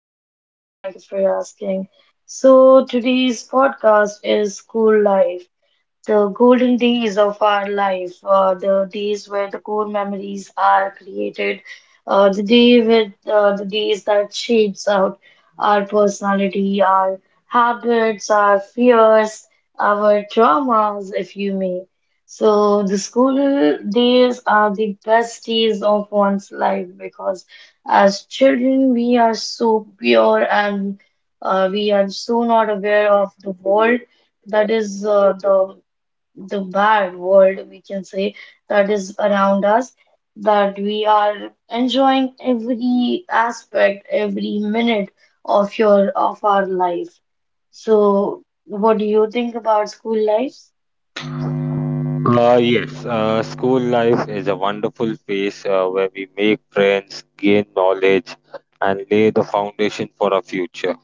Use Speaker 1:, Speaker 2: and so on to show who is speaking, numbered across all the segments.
Speaker 1: I'm good, thank you for asking. So today's podcast is school life. The golden days of our life, the days where the core memories are created, the days that shapes out our personality, our habits, our fears, our traumas, if you may. So the school days are the best days of one's life because as children we are so pure and we are so not aware of the world that is the bad world, we can say, that is around us, that we are enjoying every aspect, every minute of your of our life. So, what do you think about school life?
Speaker 2: Yes, school life is a wonderful phase where we make friends, gain knowledge, and lay the foundation for our future.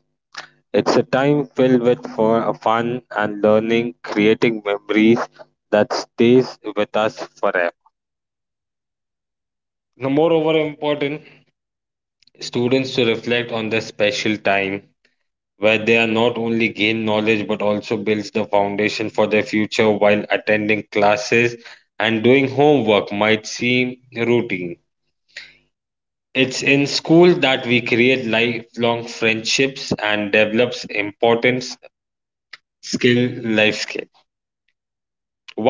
Speaker 2: It's a time filled with fun and learning, creating memories that stays with us forever. Now, moreover important, students to reflect on their special time where they are not only gain knowledge but also builds the foundation for their future while attending classes and doing homework might seem routine, it's in school that we create lifelong friendships and develops important skill life skill.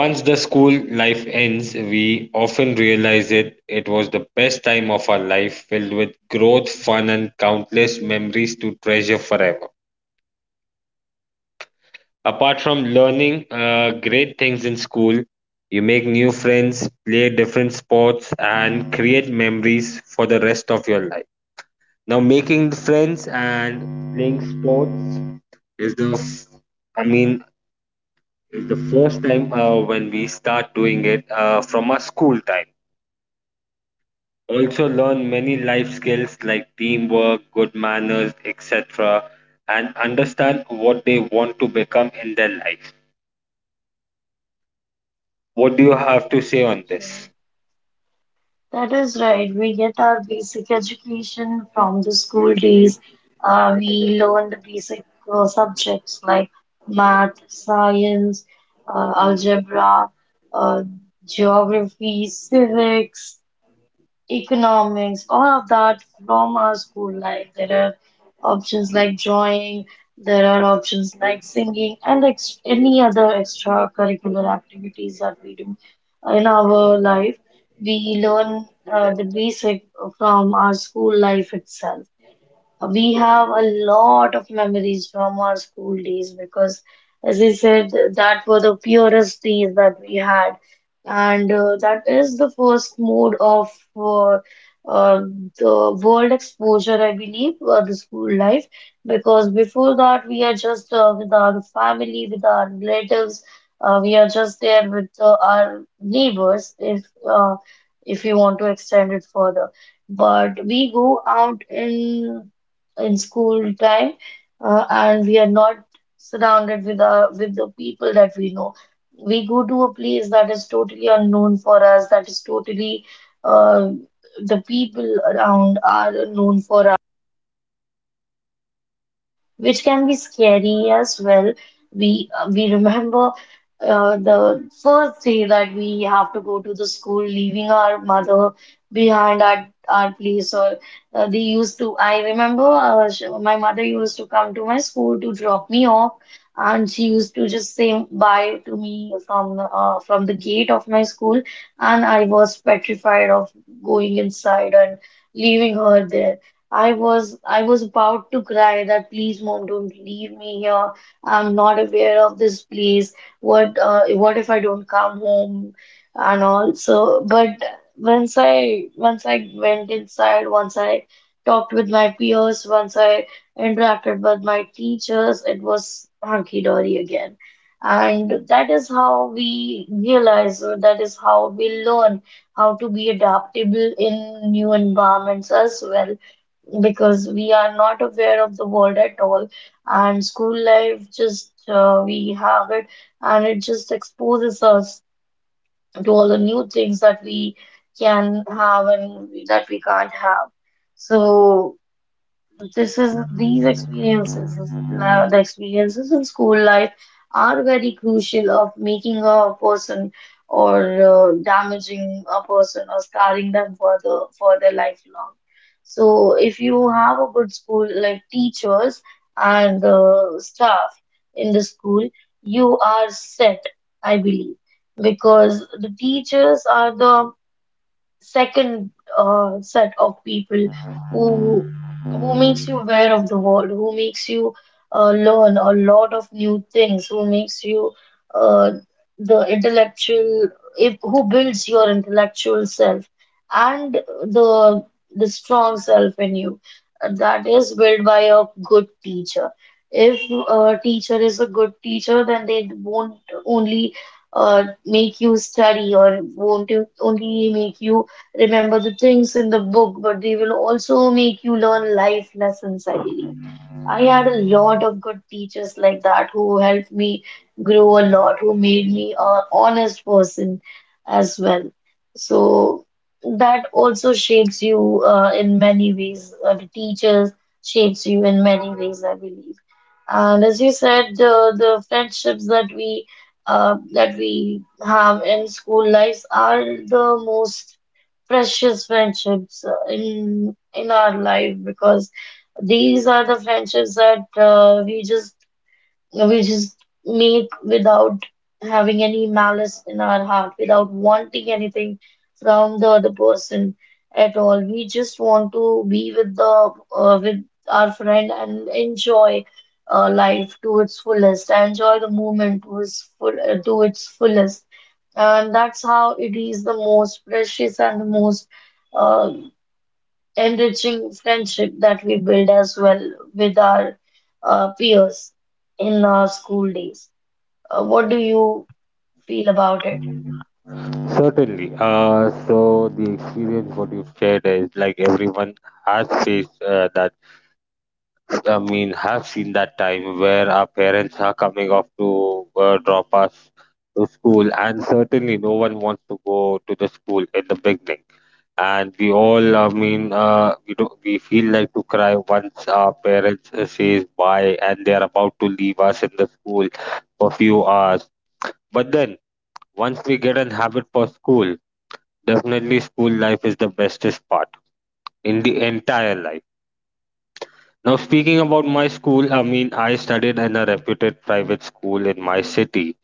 Speaker 2: Once the school life ends, we often realize it was the best time of our life, filled with growth, fun, and countless memories to treasure forever. Apart from learning great things in school, you make new friends, play different sports, and create memories for the rest of your life. Now, making friends and playing sports is the, f- I mean, is the first time when we start doing it from our school time. Also, learn many life skills like teamwork, good manners, etc., and understand what they want to become in their life. What do you have to say on this?
Speaker 1: That is right. We get our basic education from the school days. We learn the basic subjects like math, science, algebra, uh, geography, civics economics, all of that from our school life. There are options like drawing, there are options like singing, and any other extracurricular activities that we do in our life. We learn the basic from our school life itself. We have a lot of memories from our school days because, as I said, that were the purest days that we had, and that is the first mode of uh, uh, the world exposure, I believe, the school life. Because before that, we are just with our family, with our relatives, we are just there with our neighbors, if you want to extend it further. But we go out in school time, and we are not surrounded with the people that we know. We go to a place that is totally unknown for us, that is totally uh, the people around are unknown for which can be scary as well. We remember the first day that we have to go to the school, leaving our mother behind at our place. Or they used to. I remember my mother used to come to my school to drop me off, and she used to just say bye to me from the gate of my school, and I was petrified of going inside and leaving her there. I was about to cry that please mom don't leave me here. I'm not aware of this place. What if I don't come home and all. So but once I went inside, once I talked with my peers, once I interacted with my teachers, it was hunky-dory again. And that is how we realize, or that is how we learn how to be adaptable in new environments as well because we are not aware of the world at all and school life just we have it and it just exposes us to all the new things that we can have and that we can't have so this is these experiences, now the experiences in school life are very crucial of making a person or damaging a person or scarring them for their lifelong. So if you have a good school like teachers and staff in the school, you are set, I believe, because the teachers are the second set of people who who makes you aware of the world, who makes you learn a lot of new things, who makes you uh, the intellectual, if who builds your intellectual self and the strong self in you. That is built by a good teacher. If a teacher is a good teacher, then they won't only make you study or won't you only make you remember the things in the book, but they will also make you learn life lessons, I believe. I had a lot of good teachers like that who helped me grow a lot, who made me a honest person as well. So that also shapes you in many ways. The teachers shapes you in many ways, I believe. And as you said, the friendships that we have in school lives are the most precious friendships in our life because these are the friendships that we just make without having any malice in our heart, without wanting anything from the other person at all. We just want to be with the with our friend and enjoy life to its fullest, enjoy the moment to its full to its fullest and that's how it is the most precious and the most uh, enriching friendship that we build as well with our peers in our school days. What do you feel about it?
Speaker 2: Certainly. So the experience what you've shared is like everyone has faced that. I mean, have seen that time where our parents are coming off to drop us to school, and certainly no one wants to go to the school in the beginning. And we all, I mean, we do, we feel like to cry once our parents says bye, and they are about to leave us in the school for few hours. But then once we get an habit for school. Definitely, school life is the bestest part in the entire life. Now, speaking about my school, I mean, I studied in a reputed private school in my city,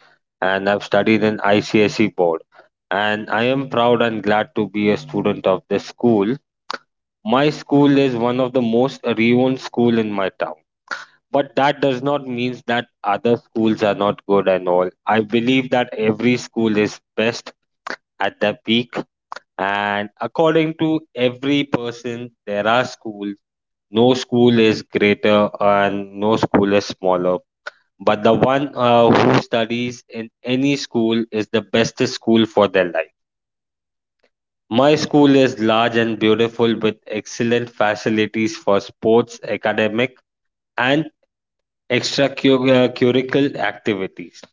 Speaker 2: and I've studied in ICSE board. And I am proud and glad to be a student of this school. My school is one of the most renowned school in my town. But that does not mean that other schools are not good and all. I believe that every school is best at their peak. And according to every person, there are schools. No school is greater and no school is smaller. But the one who studies in any school is the best school for their life. My school is large and beautiful with excellent facilities for sports, academic, and extracurricular activities.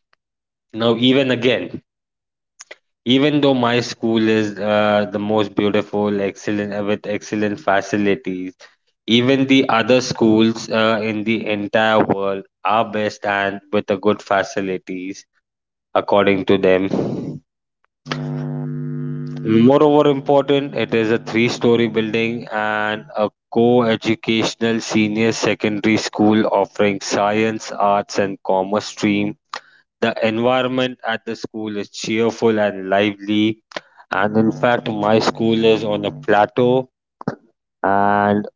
Speaker 2: Now, even again, even though my school is the most beautiful, excellent with excellent facilities, even the other schools in the entire world are best and with the good facilities, according to them. Moreover, important, it is a three-story building and a co educational senior secondary school offering science, arts, and commerce stream. The environment at the school is cheerful and lively, and in fact, my school is on a plateau, and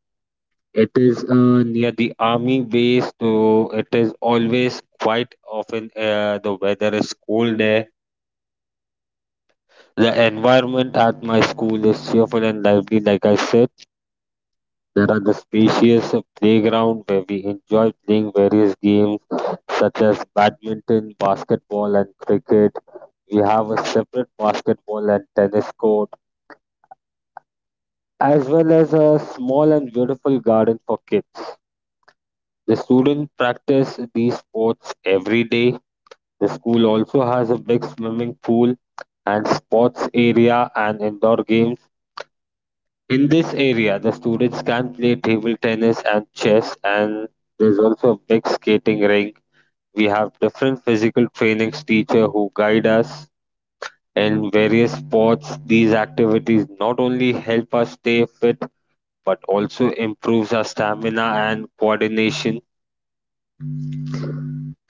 Speaker 2: it is near the army base, so it is always quite often, the weather is cold there. The environment at my school is cheerful and lively, like I said. There are the spacious playground where we enjoy playing various games such as badminton, basketball, and cricket. We have a separate basketball and tennis court, as well as a small and beautiful garden for kids. The students practice these sports every day. The school also has a big swimming pool and sports area and indoor games. In this area, the students can play table tennis and chess, and there's also a big skating rink. We have different physical trainings teacher who guide us in various sports. These activities not only help us stay fit but also improves our stamina and coordination.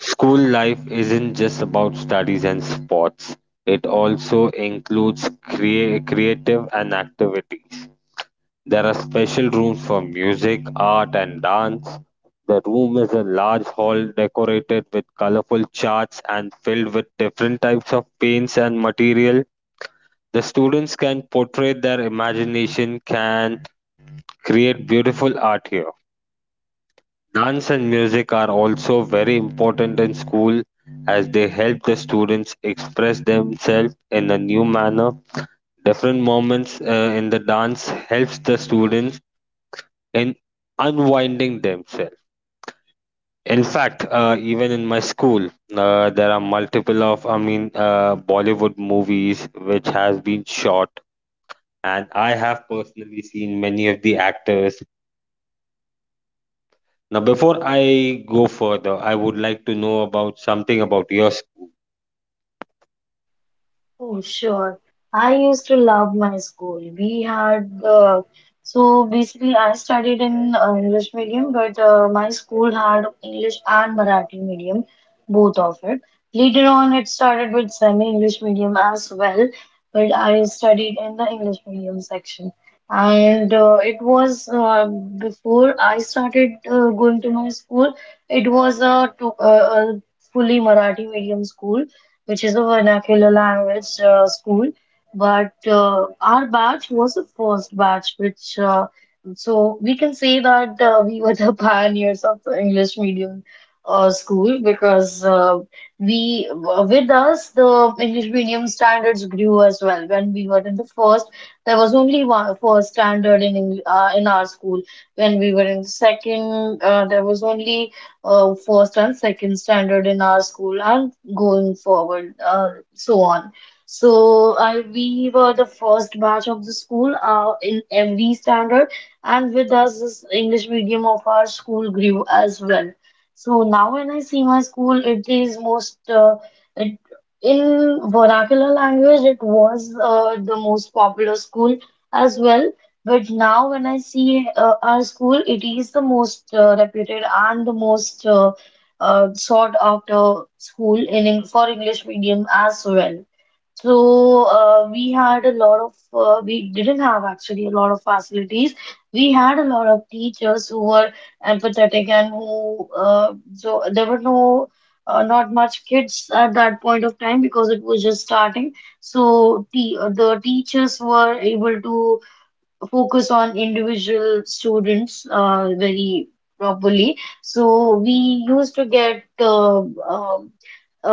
Speaker 2: School life isn't just about studies and sports. It also includes creative and activities. There are special rooms for music, art, and dance. The room is a large hall decorated with colorful charts and filled with different types of paints and material. The students can portray their imagination, can create beautiful art here. Dance and music are also very important in school as they help the students express themselves in a new manner. Different moments in the dance helps the students in unwinding themselves. In fact, even in my school, there are multiple of, I mean, Bollywood movies which has been shot, and I have personally seen many of the actors. Now, before I go further, I would like to know about something about your
Speaker 1: Oh, sure. I used to love my school. We had So basically I studied in English medium, but my school had English and Marathi medium, both of it. Later on, it started with semi-English medium as well, but I studied in the English medium section. And it was before I started going to my school, it was a, to, a a fully Marathi medium school which is a vernacular language school. But our batch was the first batch, which so we can say that we were the pioneers of the English medium school because we with us the English medium standards grew as well. When we were in the first, there was only one first standard in in our school. When we were in the second, there was only first and second standard in our school. And going forward, so on. So I we were the first batch of the school in every standard, and with us, this English medium of our school grew as well. So now when I see my school, it is it, in vernacular language, it was the most popular school as well. But now when I see our school, it is the most reputed and the most sort after school in for English medium as well. So we didn't have actually a lot of facilities. We had a lot of teachers who were empathetic and who so there were no not much kids at that point of time because it was just starting. So te the teachers were able to focus on individual students very properly. So we used to get um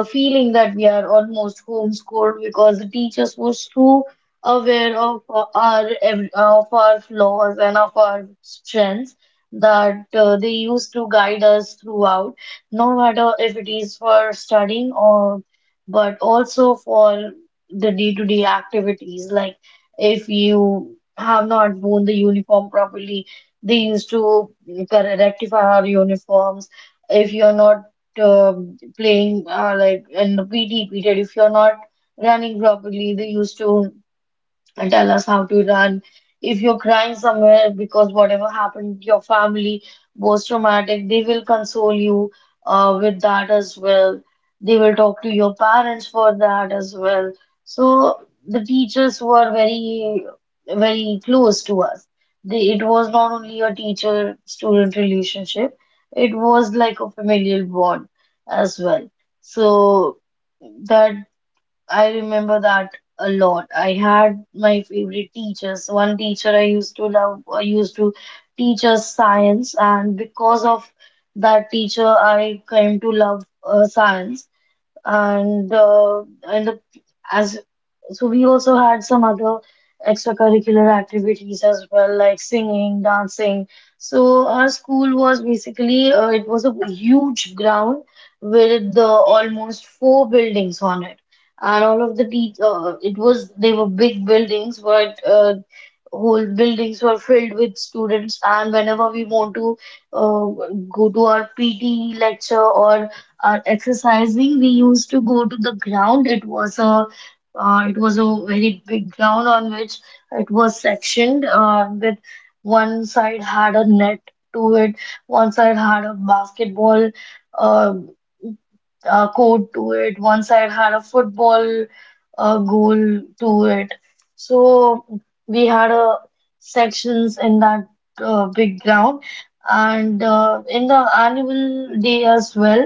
Speaker 1: a feeling that we are almost homeschooled because the teachers were so aware of our of our flaws and of our strengths that they used to guide us throughout, no matter if it is for studying or but also for the day-to-day activities like if you have not worn the uniform properly. They used to rectify our uniforms. If you're not playing like in the PT period, if you're not running properly, they used to and tell us how to run. If you're crying somewhere because whatever happened, your family was traumatic, they will console you with that as well. They will talk to your parents for that as well. So the teachers were very, very close to us. They, it was not only a teacher-student relationship, it was like a familial bond as well. So that I remember that a lot. I had my favorite teachers. One teacher I used to love, used to teach us science, and because of that teacher, I came to love science. And in the as so we also had some other extracurricular activities as well, like singing, dancing. So our school was basically it was a huge ground with the almost four buildings on it, and all of the teach it was they were big buildings, but whole buildings were filled with students. And whenever we want to uh, go to our PT lecture or our exercising, we used to go to the ground. It was a very big ground on which it was sectioned, with one side had a net to it, one side had a basketball uh, court to it, one side had a football goal to it. So we had sections in that big ground, and in the annual day as well.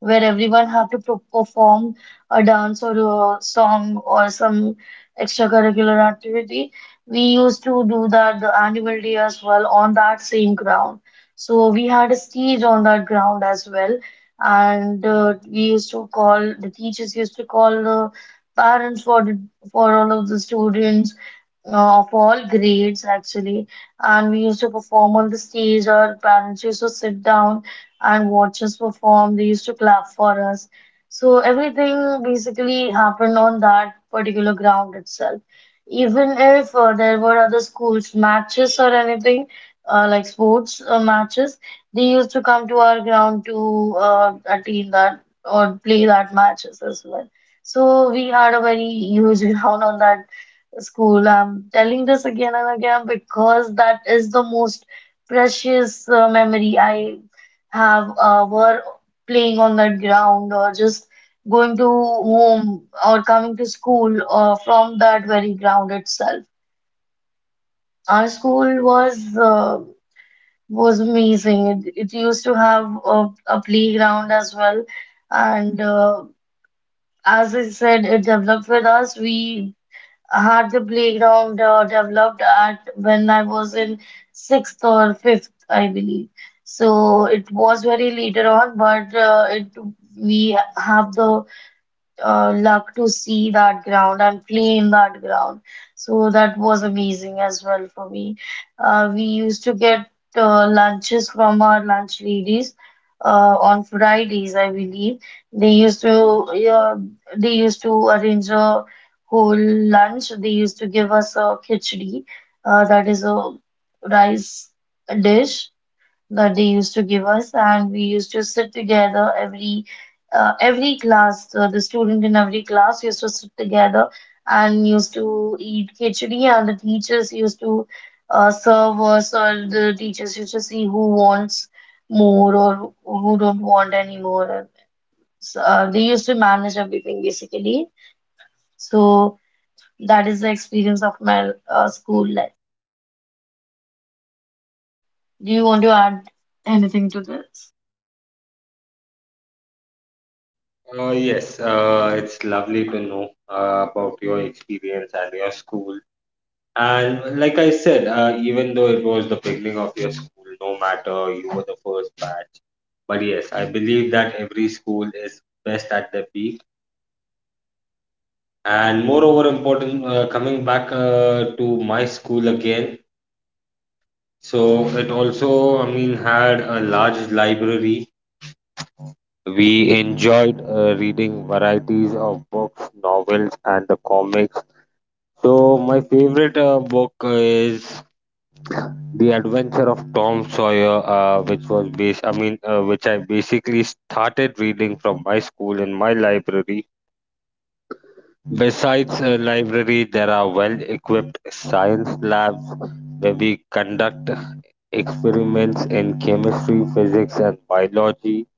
Speaker 1: Where everyone have to perform a dance or a song or some extracurricular activity. We used to do that the annual day as well on that same ground. So we had a stage on that ground as well, and we used to call the teachers used to call the parents for all of the students of all grades actually, and we used to perform on the stage. Our parents used to sit down and watch us perform. They used to clap for us. So everything basically happened on that particular ground itself. Even if there were other schools matches or anything, like sports matches, they used to come to our ground to attend that or play that matches as well. So we had a very huge ground on that school. I'm telling this again and again because that is the most precious memory I have. Were playing on that ground or just going to home or coming to school from that very ground itself. Our school was amazing. It used to have a playground as well, and as I said, it developed with us. We had the playground developed at when I was in sixth or fifth, I believe. So it was very later on, but it we have the luck to see that ground and play in that ground. So that was amazing as well for me. We used to get lunches from our lunch ladies on Fridays, I believe. They used to uh, they used to arrange a whole lunch. They used to give us a khichdi, that is a rice dish that they used to give us. And we used to sit together every class. The student in every class used to sit together and used to eat khichdi, and the teachers used to serve us. Or the teachers used to see who wants more or who don't want anymore. So, they used to manage everything basically. So that is the experience of my school life. Do you want to add anything to this?
Speaker 2: Yes, it's lovely to know about your experience and your school. And like I said, even though it was the beginning of your school, no matter you were the first batch. But yes, I believe that every school is best at the peak. And moreover, important coming back to my school again. So it also, I mean, had a large library. We enjoyed reading varieties of books, novels, and the comics. So my favorite book is The Adventure of Tom Sawyer, which was based. I mean, which I basically started reading from my school in my library. Besides a library, there are well-equipped science labs where we conduct experiments in chemistry, physics, and biology.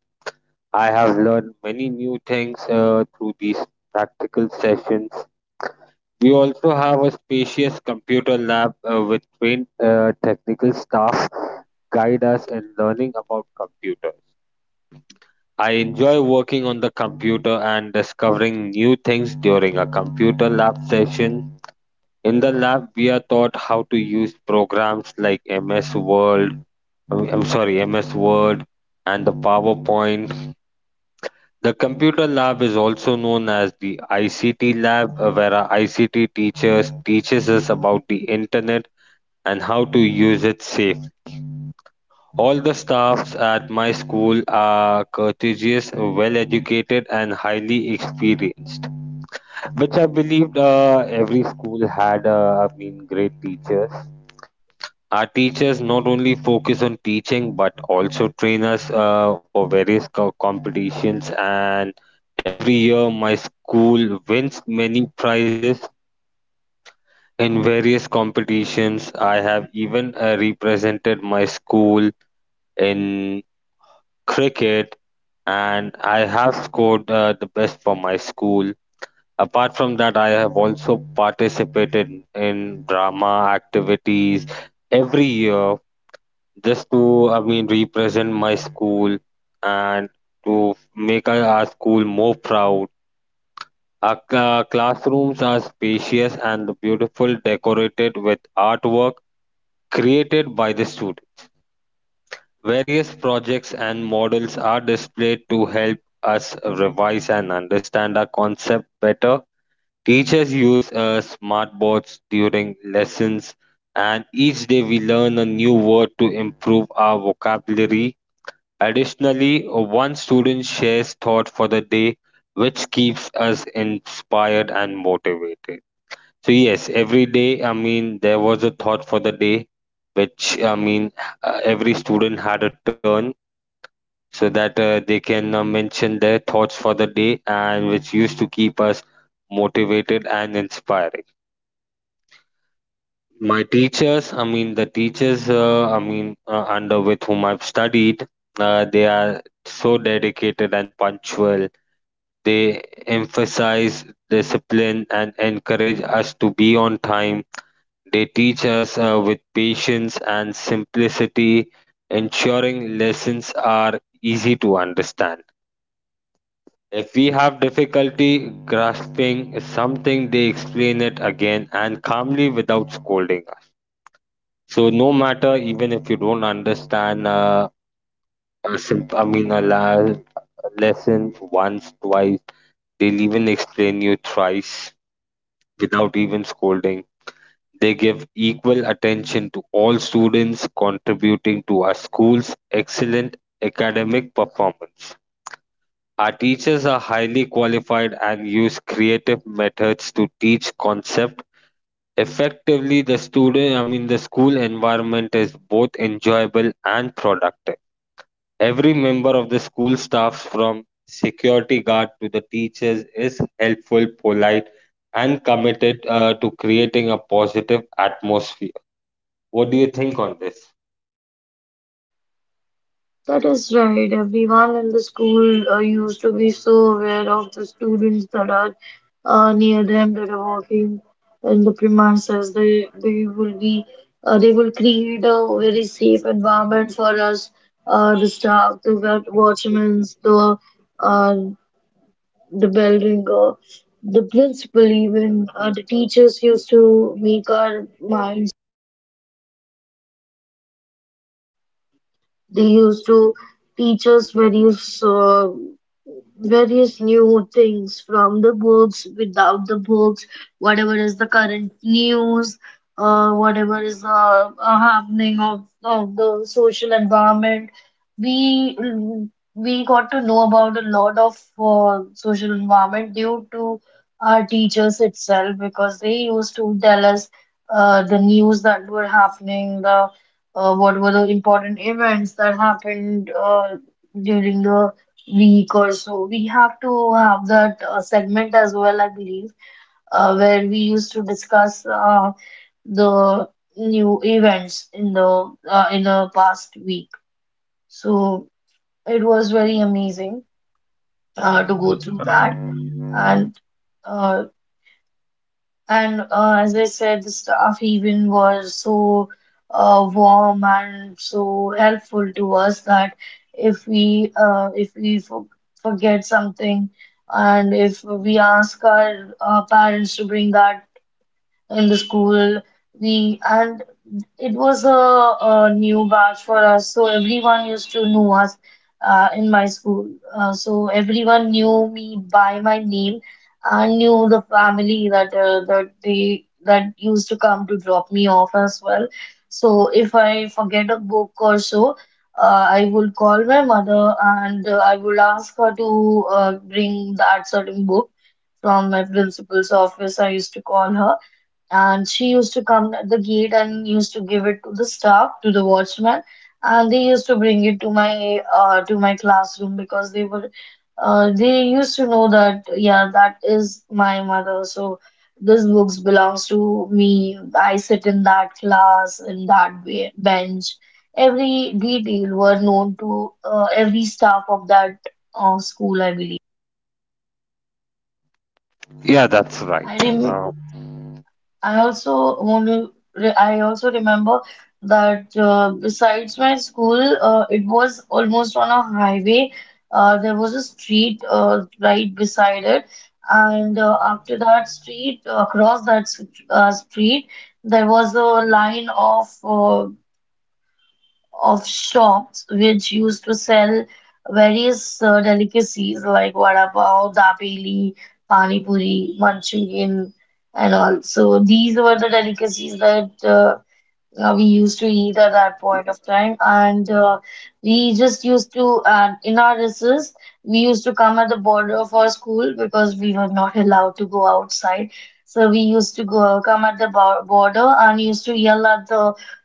Speaker 2: I have learned many new things through these practical sessions. We also have a spacious computer lab with trained technical staff guide us in learning about computers. I enjoy working on the computer and discovering new things during a computer lab session. In the lab, we are taught how to use programs like MS Word, I'm sorry, MS Word and the PowerPoint. The computer lab is also known as the ICT lab, where our ICT teachers teaches us about the internet and how to use it safe. All the staffs at my school are courteous, well-educated, and highly experienced, which I believed every school had. I mean, great teachers. Our teachers not only focus on teaching but also train us for various competitions. And every year, my school wins many prizes in various competitions. I have even represented my school in cricket, and I have scored the best for my school. Apart from that, I have also participated in drama activities every year, just to, I mean, represent my school and to make our school more proud. Our classrooms are spacious and beautiful, decorated with artwork created by the student. Various projects and models are displayed to help us revise and understand our concept better. Teachers use smartboards during lessons, and each day we learn a new word to improve our vocabulary. Additionally, one student shares thought for the day, which keeps us inspired and motivated. So, yes, every day, I mean, there was a thought for the day, which, I mean, every student had a turn so that they can mention their thoughts for the day and which used to keep us motivated and inspiring. My teachers, I mean, the teachers, I mean, under with whom I've studied, they are so dedicated and punctual. They emphasize discipline and encourage us to be on time. They teach us with patience and simplicity, ensuring lessons are easy to understand. If we have difficulty grasping something, they explain it again and calmly without scolding us. So, no matter even if you don't understand a I mean, a lesson once, twice, they'll even explain you thrice without even scolding. They give equal attention to all students, contributing to our school's excellent academic performance. Our teachers are highly qualified and use creative methods to teach concept effectively. The student, I mean, the school environment is both enjoyable and productive. Every member of the school staffs from security guard to the teachers is helpful, polite, and committed to creating a positive atmosphere. What do you think on this?
Speaker 1: That is right. Everyone in the school used to be so aware of the students that are near them, that are working in the premises. They will be they will create a very safe environment for us, the staff, the watchmen, uh, the building, the principal, even the teachers used to make our mind. They used to teach us various new things from the books, without the books, whatever is the current news, whatever is the happening of the social environment. We mm, we got to know about a lot of social environment due to our teachers itself, because they used to tell us the news that were happening, the what were the important events that happened during the week or so. We have to have that segment as well, I believe, where we used to discuss the new events in the past week. So it was very amazing to go through that and. Uh, And. As I said, the staff even was so warm and so helpful to us that if we forget something, and if we ask our, parents to bring that in the school, we, and it was a new batch for us, so everyone used to know us in my school. So everyone knew me by my name and knew the family that that they that used to come to drop me off as well. So if I forget a book or so, I would call my mother, and I would ask her to bring that certain book from my principal's office. I used to call her, and she used to come at the gate and used to give it to the staff, to the watchman, and they used to bring it to my classroom, because they were they used to know that yeah, that is my mother, so this books belongs to me. I sit in that class, in that bench. Every detail were known to every staff of that school, I believe.
Speaker 2: Yeah, that's right.
Speaker 1: I remember.
Speaker 2: Uh,
Speaker 1: I also only I also remember that besides my school, it was almost on a highway. There was a street right beside it, and after that street, across that street, there was a line of shops which used to sell various delicacies like vada pav, dabeli, pani puri, Manchurian, and all. So these were the delicacies that we used to eat at that point of time. And we just used to in our recess, we used to come at the border of our school, because we were not allowed to go outside. So we used to go come at the border and used to yell at the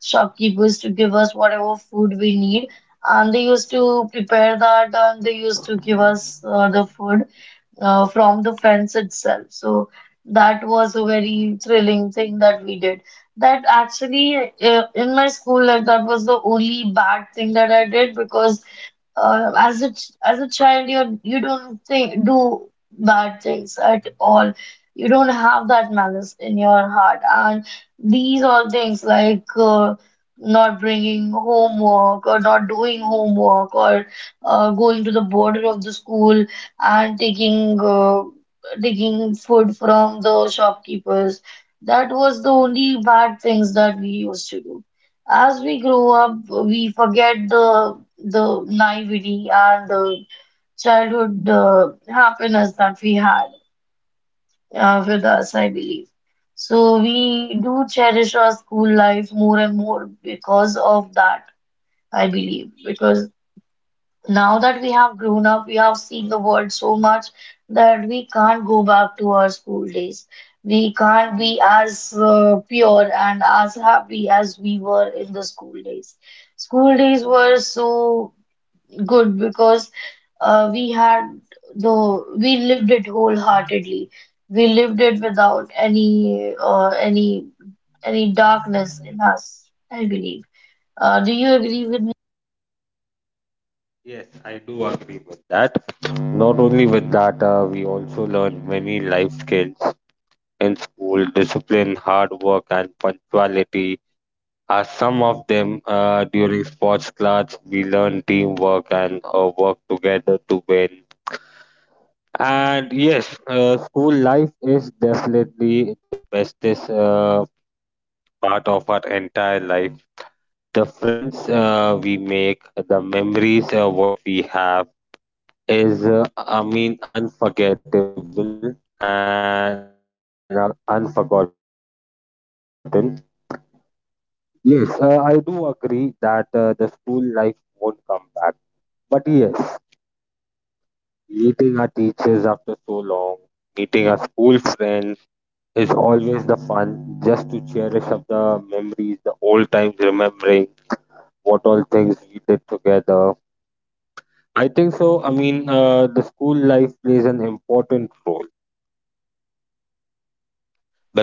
Speaker 1: shopkeepers to give us whatever food we need, and they used to prepare that, and they used to give us the food from the fence itself. So that was a very thrilling thing that we did. That actually, in my school life, that was the only bad thing that I did, because as a child, you don't think do bad things at all. You don't have that malice in your heart, and these all things like not bringing homework or not doing homework, or going to the border of the school and taking food from the shopkeepers. That was the only bad things that we used to do. As we grow up, we forget the naivety and the childhood happiness that we had with us, I believe. So we do cherish our school life more and more because of that, I believe, because now that we have grown up, we have seen the world so much that we can't go back to our school days. We can't be as pure and as happy as we were in the school days. School days were so good because we had the we lived it wholeheartedly. We lived it without any darkness in us, I believe. Do you agree with me?
Speaker 2: Yes, I do agree with that. Not only with that, we also learn many life skills in school discipline, hard work, and punctuality. At some of them, during sports class, we learn teamwork and work together to win. And yes, school life is definitely the bestest part of our entire life. The friends we make, the memories what we have is, I mean, unforgettable and unforgotten. Yes, I do agree that the school life won't come back. But yes. Meeting our teachers after so long, meeting our school friends is always the fun just to cherish up the memories, the old times, remembering what all things we did together. I think so. I mean, the school life plays an important role because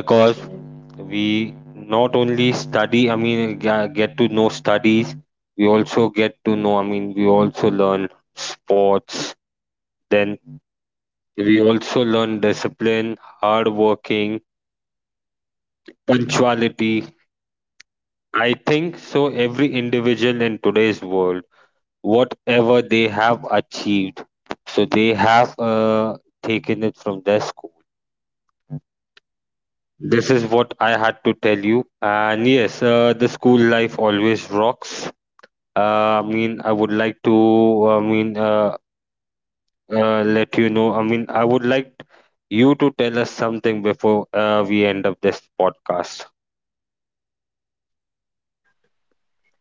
Speaker 2: we
Speaker 1: That's right.
Speaker 2: not only study, I mean, get to know studies, we also get to know, I mean, we also learn sports, then we also learn discipline, hard working, punctuality. I think so every individual in today's world, whatever they have achieved, so they have taken it from their school. This is what I had to tell you. And yes, the school life always rocks. I mean, I would like to, I mean, let you know. I mean, I would like you to tell us something before we end up this podcast.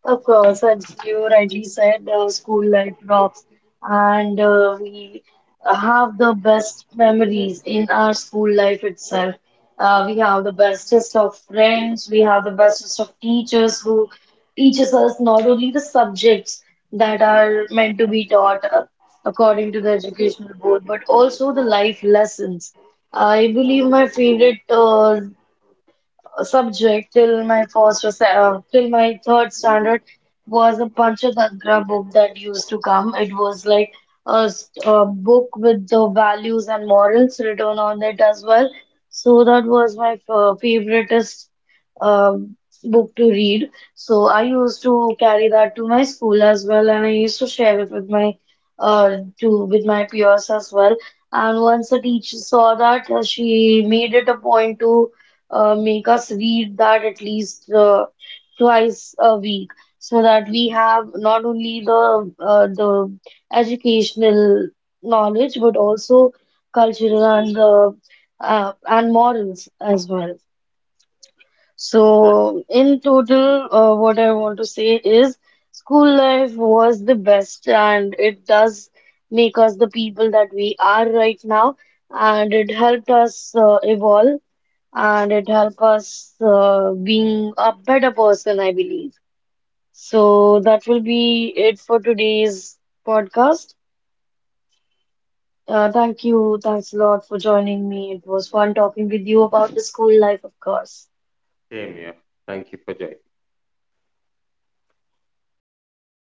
Speaker 1: Of course, as you rightly said, school life rocks, and we have the best memories in our school life itself. We have the bestest of friends, we have the bestest of teachers who teaches us not only the subjects that are meant to be taught according to the educational board, but also the life lessons. I believe my favorite subject till my third standard was a Panchatantra book that used to come. It was like a book with the values and morals written on it as well. So that was my favoriteest um, book to read. So I used to carry that to my school as well, and I used to share it with my to with my peers as well. And once the teacher saw that, she made it a point to make us read that at least twice a week, so that we have not only the educational knowledge, but also cultural and morals as well. So in total, what I want to say is school life was the best, and it does make us the people that we are right now, and it helped us evolve, and it help us being a better person, I believe. So that will be it for today's podcast. Thank you. Thanks a lot for joining me. It was fun talking with you about the school life, of course.
Speaker 2: Same here. Thank you for joining.